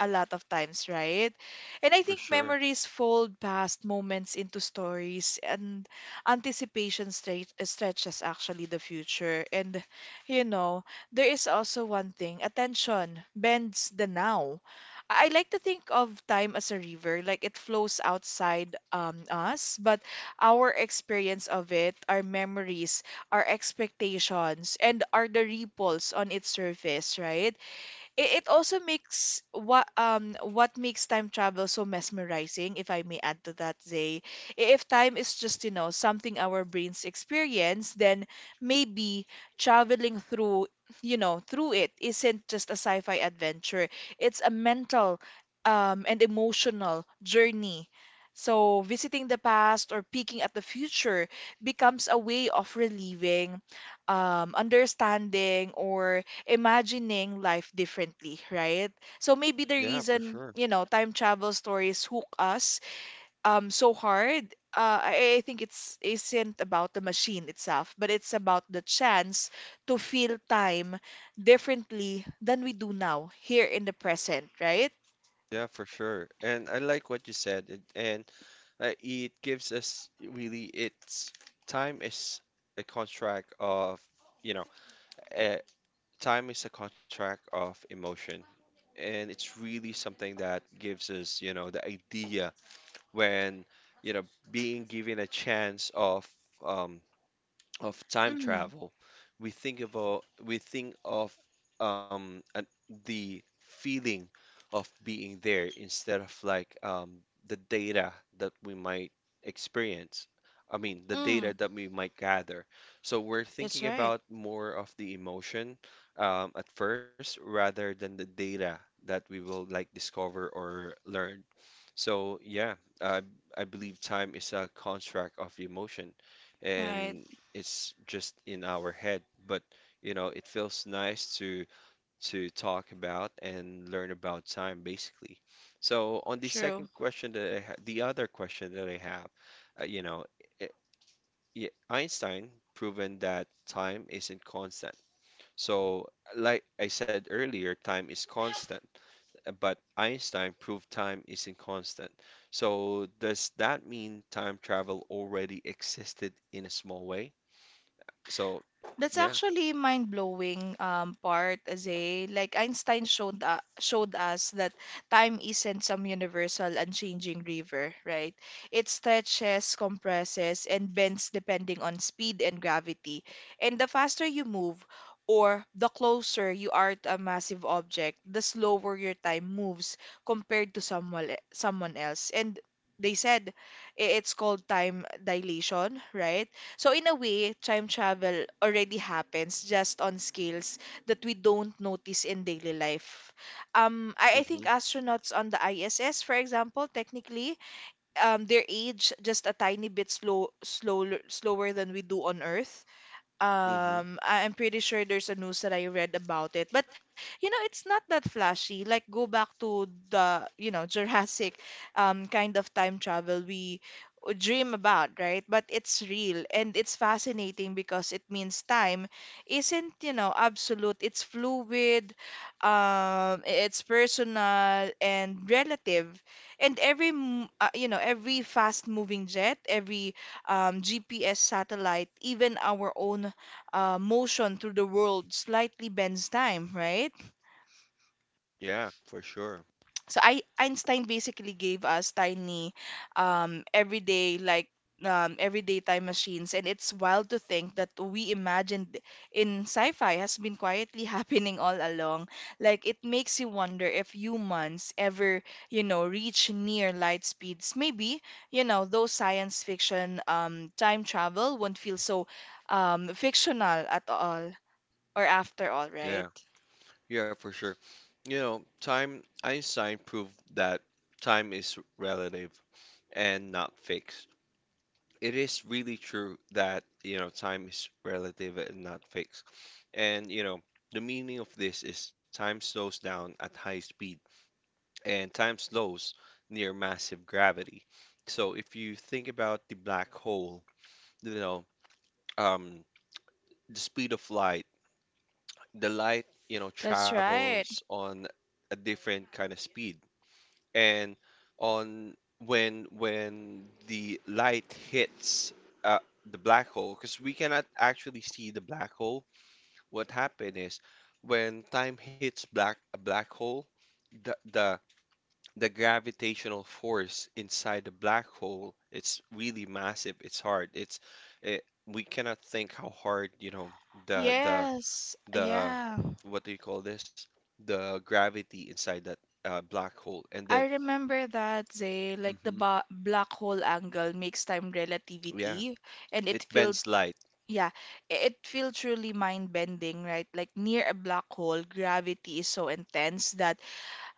a lot of times, right? And I
For
think
sure.
memories fold past moments into stories, and anticipation stretches actually the future. And, you know, there is also one thing attention bends the now. I like to think of time as a river, like it flows outside us, but our experience of it, our memories, our expectations, and are the ripples on its surface, right? It also makes what makes time travel so mesmerizing, if I may add to that, Zay. If time is just, you know, something our brains experience, then maybe traveling through, through it isn't just a sci-fi adventure. It's a mental and emotional journey. So visiting the past or peeking at the future becomes a way of relieving, understanding, or imagining life differently, right? So maybe the
Yeah, for
reason,
sure.
you know, time travel stories hook us so hard, I think it's isn't about the machine itself, but it's about the chance to feel time differently than we do now, here in the present, right?
Yeah, for sure. And I like what you said. It gives us really, it's time is a contract of, you know, uh, time is a contract of emotion. And it's really something that gives us, the idea when, you know, being given a chance of um, of time
Mm,
travel, we think of a, we think of an, the feeling of being there instead of like the data that we might experience. I mean, the data
mm,
that we might gather. So we're
that's
thinking
right.
about more of the emotion, at first, rather than the data that we will like discover or learn. So yeah, I I believe time is a construct of emotion,
Right.
and it's just in our head. But it feels nice to talk about and learn about time, basically. So on the
True.
second question that I ha the other question that I have, uh, you know, eh, yeah, Einstein proven that time isn't constant. So like I said earlier, time is constant, but Einstein proved time isn't constant. So does that mean time travel already existed in a small way? So
That's
yeah.
actually mind-blowing part, Zay. Like Einstein showed us that time isn't some universal unchanging river, right? It stretches, compresses, and bends depending on speed and gravity. And the faster you move, or the closer you are to a massive object, the slower your time moves compared to someone else. And they said it's called time dilation, right? So in a way, time travel already happens just on scales that we don't notice in daily life. I think
Hmm.
astronauts on the ISS, for example, technically, their age just a tiny bit slower than we do on Earth.
Hmm.
I'm pretty sure there's a news that I read about it. But, you know, it's not that flashy. Like, go back to the, you know, Jurassic kind of time travel we dream about, right? But it's real and it's fascinating because it means time isn't, you know, absolute. It's fluid, it's personal and relative. And you know, every fast-moving jet, every GPS satellite, even our own motion through the world slightly bends time, right?
Yeah, for sure.
So Einstein basically gave us tiny, um, everyday like everyday time machines, and it's wild to think that we imagined in sci-fi has been quietly happening all along. Like it makes you wonder if humans ever, you know, reach near light speeds. Maybe, you know, those science fiction time travel won't feel so fictional at all or after all, right?
Yeah. Yeah, for sure. You know, time Einstein proved that time is relative and not fixed. It is really true that, time is relative and not fixed. And the meaning of this is time slows down at high speed, and time slows near massive gravity. So if you think about the black hole, you know, um, the speed of light, the light,
That's right.
travels on a different kind of speed. And on when the light hits uh, the black hole, because we cannot actually see the black hole, what happened is when time hits black a black hole, the the the gravitational force inside the black hole, it's really massive, it's hard, we cannot think how hard, the the
Yes,
the
yeah.
what do you call this, the gravity inside that black hole, and
I
then.
remember that, Zay, like the
Hmm.
ba black hole angle makes time
Yeah,
relativity, and
it
it feels
bends light.
Yeah, it feels truly mind-bending, right? Like near a black hole, gravity is so intense that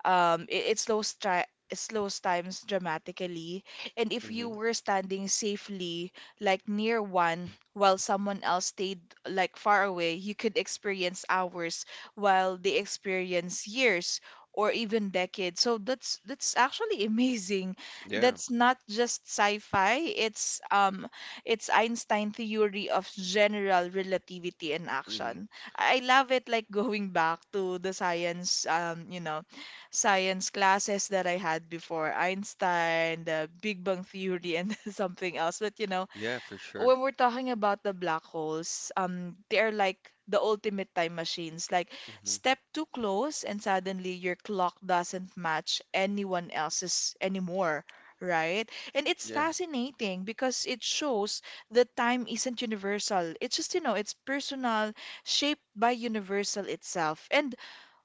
um, it it slows times dramatically, and if you
Hmm.
were standing safely, like near one, while someone else stayed like far away, you could experience hours while they experience years or even decades. So that's actually amazing.
Yeah.
That's not just sci-fi. It's Einstein theory of general relativity in
Hmm.
action. I love it like going back to the science you know science classes that I had before, Einstein, the Big Bang Theory, and something else. But you know,
Yeah, for sure.
when we're talking about the black holes, they are like the ultimate time machines. Like
Hmm.
step too close, and suddenly your clock doesn't match anyone else's anymore. Right? And it's
Yeah.
fascinating because it shows that time isn't universal. It's just, you know, it's personal, shaped by universal itself. And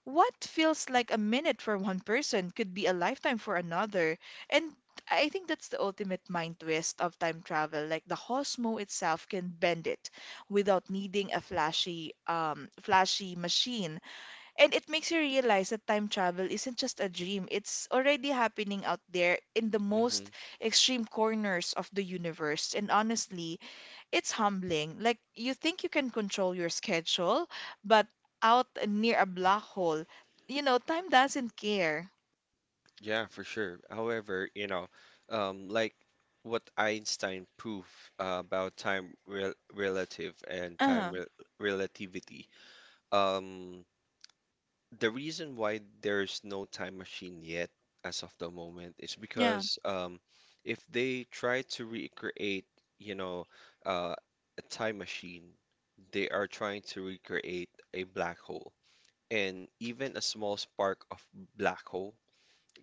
what feels like a minute for one person could be a lifetime for another. And I think that's the ultimate mind twist of time travel. Like the Cosmo itself can bend it without needing a flashy machine. And it makes you realize that time travel isn't just a dream. It's already happening out there in the most
Hmm.
extreme corners of the universe. And honestly, it's humbling. Like you think you can control your schedule, but out near a black hole, you know, time doesn't care.
Yeah, for sure. However, like what Einstein proved, about time relative and time
uh
relativity. Um, the reason why there's no time machine yet, as of the moment, is
Yeah.
because if they try to recreate, you know, uh, a time machine, they are trying to recreate a black hole. And even a small spark of black hole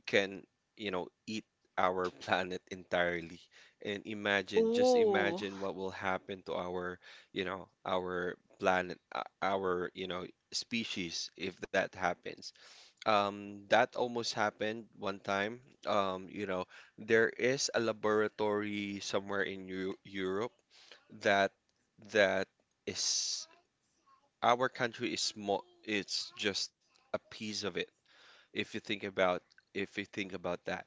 can eat our planet entirely. And imagine, just
Oh,
imagine what will happen to our planet, our species if that happens. That almost happened one time. There is a laboratory somewhere in Eu Europe, that that is, our country is small, it's just a piece of it. If you think about that,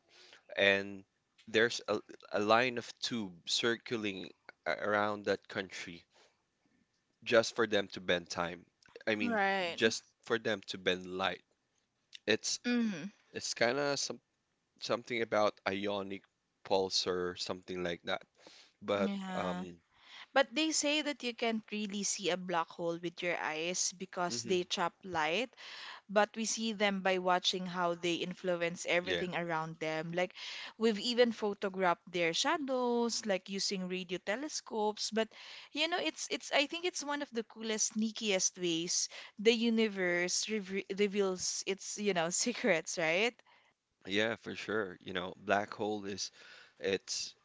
and there's a line of tube circling around that country just for them to bend time. I mean,
right.
just for them to bend light. It's
Mm.
it's kind of something about ionic pulse or something like that. But
Yeah. But they say that you can't really see a black hole with your eyes because
mhm,
they trap light, but we see them by watching how they influence
yeah,
everything around them. Like we've even photographed their shadows, like using radio telescopes. But you know, it's I think it's one of the coolest, sneakiest ways the universe reveals its, you know, secrets, right?
yeah, for sure. You know, black hole is it's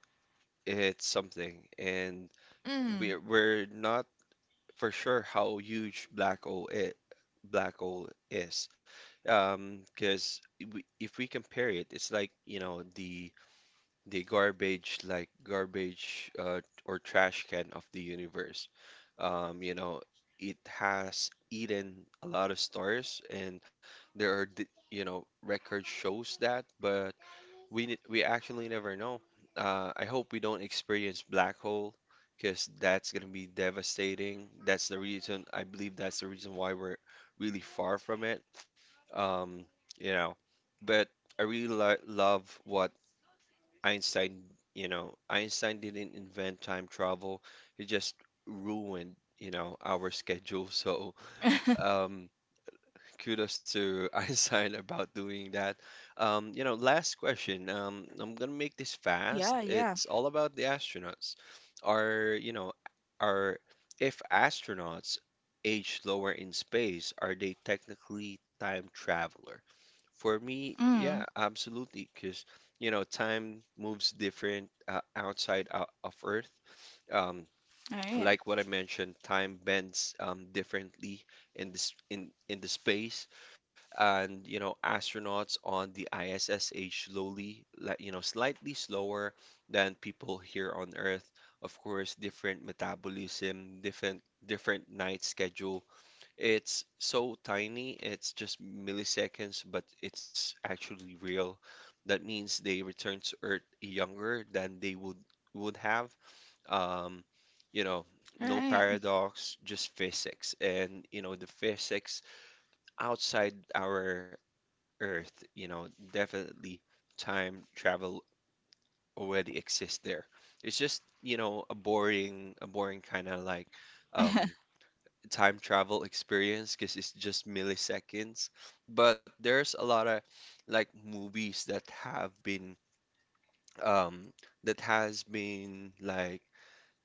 it's something, and
Mm.
we're not for sure how huge black hole is. 'Cause if we compare it, it's like, the garbage, like garbage, or trash can of the universe. Um, you know, it has eaten a lot of stars, and there are, d- you know, record shows that, but we actually never know. I hope we don't experience black hole because that's gonna be devastating. That's the reason I believe, that's the reason why we're really far from it. Um, you know, but I really lo love what Einstein, Einstein didn't invent time travel. He just ruined our schedule. So, um, kudos to Einstein about doing that. Last question. I'm gonna make this fast.
Yeah, yeah.
It's all about the astronauts. Are, you know, are if astronauts age lower in space, are they technically time traveler? For me, yeah,
Mm.
absolutely, because time moves different outside of Earth. Um,
All right.
like what I mentioned, time bends differently in the space, and astronauts on the ISS age slowly, like slightly slower than people here on Earth. Of course, different metabolism, different night schedule. It's so tiny, it's just milliseconds, but it's actually real. That means they return to Earth younger than they would have. um, you know,
All
no
right.
paradox, just physics. And the physics outside our Earth definitely time travel already exists there. It's just a boring kind of like um, time travel experience because it's just milliseconds. But there's a lot of like movies um that has been like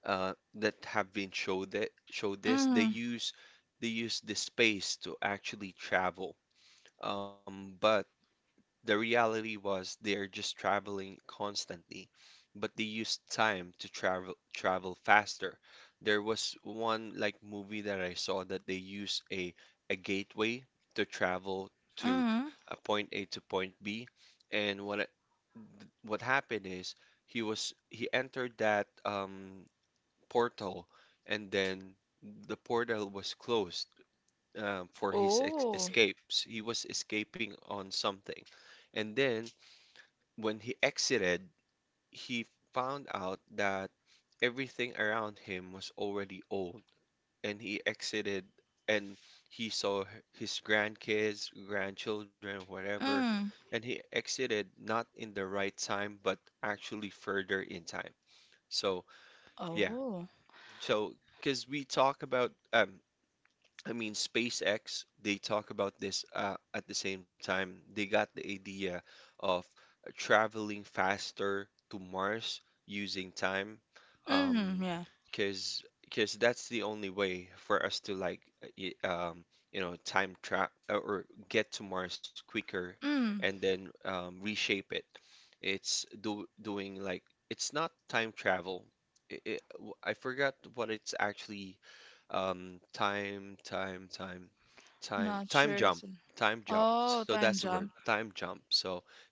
that show this. they
Mm.
use they use the space to actually travel, but the reality was they're just traveling constantly, but they used time to travel faster. There was one like movie that I saw that they use a gateway to travel to
Mm.
a point A to point B, and what happened is he entered that portal, and then the portal was closed, for his ex
Oh.
escapes. He was escaping on something. And then when he exited, he found out that everything around him was already old, and he exited and he saw his grandkids, grandchildren, whatever,
Mm.
and he exited not in the right time, but actually further in time. So, yeah.
Oh.
So, because we talk about, I mean, SpaceX, they talk about this at the same time. They got the idea of traveling faster to Mars using time, um,
Mm. Yeah.
because that's the only way for us to like time trap, or get to Mars quicker, and
Mm.
then reshape it. It's do doing, like, it's not time travel. I forgot what it's actually, um, time, time, time,
Not
time
sure.
jump,
So-
time jump.
Oh,
So that's the
time
word,
jump.
time jump. So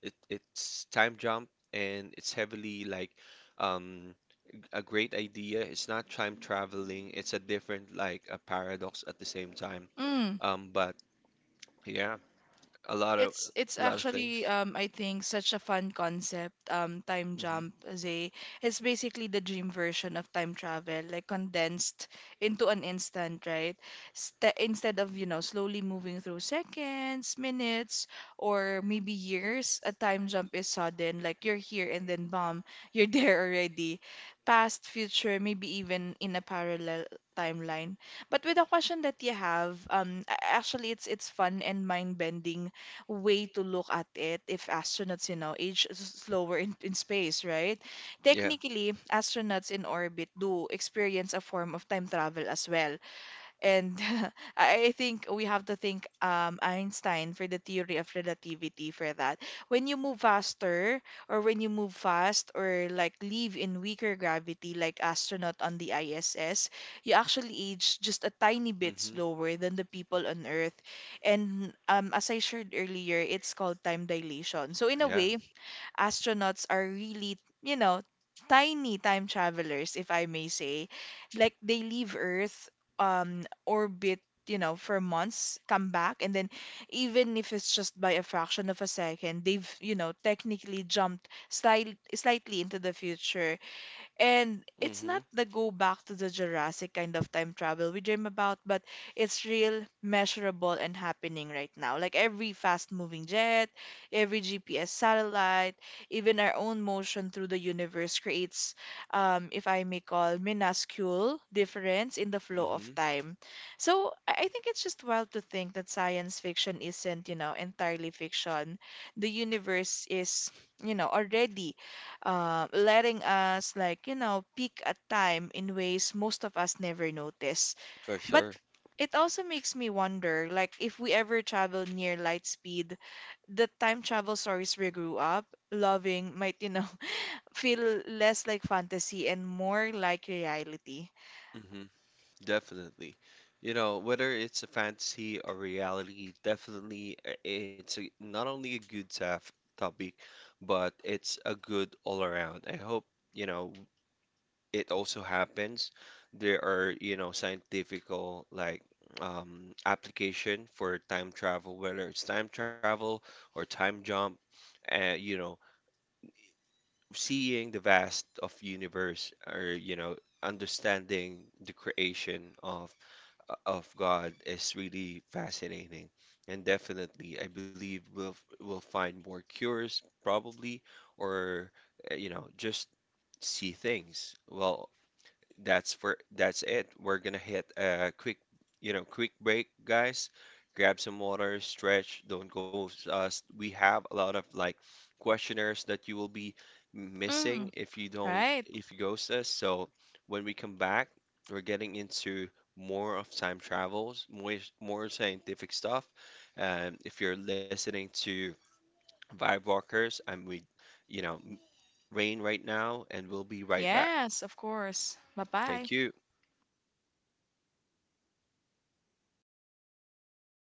it's time jump, and it's heavily, like, um a great idea. It's not time traveling. It's a different, like, a paradox at the same time.
Mm.
But yeah, a lot of
It's
a
it's
lot of things.
actually I think such a fun concept. Time
Mm-hmm.
jump, Zay. It's basically the dream version of time travel, like condensed into an instant, right? St Instead of, you know, slowly moving through seconds, minutes, or maybe years, a time jump is sudden, like you're here and then bam, you're there already. Past, future, maybe even in a parallel timeline. But with the question that you have, actually it's fun and mind-bending way to look at it if astronauts, you know, slower in space, right?
Yeah.
Technically, astronauts in orbit do experience a form of time travel as well. And I think we have to thank Einstein for the theory of relativity for that. When you move fast, or like live in weaker gravity, like astronaut on the ISS, you actually age just a tiny bit
Mm-hmm.
slower than the people on Earth. And as I shared earlier, it's called time dilation. So in
Yeah.
a way, astronauts are really, you know, tiny time travelers, if I may say. Like they leave Earth, orbit, you know, for months, come back, and then even if it's just by a fraction of a second, they've, you know, technically jumped slightly into the future. And it's
Mm-hmm.
not the go back to the Jurassic kind of time travel we dream about, but it's real, measurable, and happening right now. Like every fast moving jet, every GPS satellite, even our own motion through the universe creates, if I may call, minuscule difference in the flow of
Mm-hmm.
time. So I think it's just wild to think that science fiction isn't, you know, entirely fiction. The universe is, you know, already letting us like you know peak at time in ways most of us never notice,
For
but
sure.
it also makes me wonder like if we ever travel near light speed, the time travel stories we grew up loving might you know feel less like fantasy and more like reality.
Mm-hmm. Definitely. You know, whether it's a fantasy or reality, definitely, not only a good topic, but it's a good all around. I hope, you know, it also happens. There are scientifical, like application for time travel, whether it's time travel or time jump, and seeing the vast of universe or understanding the creation of God is really fascinating. And definitely, I believe we'll we'll find more cures probably, or just see things. Well, that's it. We're gonna hit a quick break, guys. Grab some water, stretch, don't go, we have a lot of like questionnaires that you will be
Mm.
missing if you don't,
Right.
if you ghost us. So when we come back, we're getting into more of time travels, more scientific stuff. If you're listening to Vibe Walkers, I'm with, you know, M- Rain right now, and we'll be right back.
Yes, of course. Bye
Thank
bye.
you.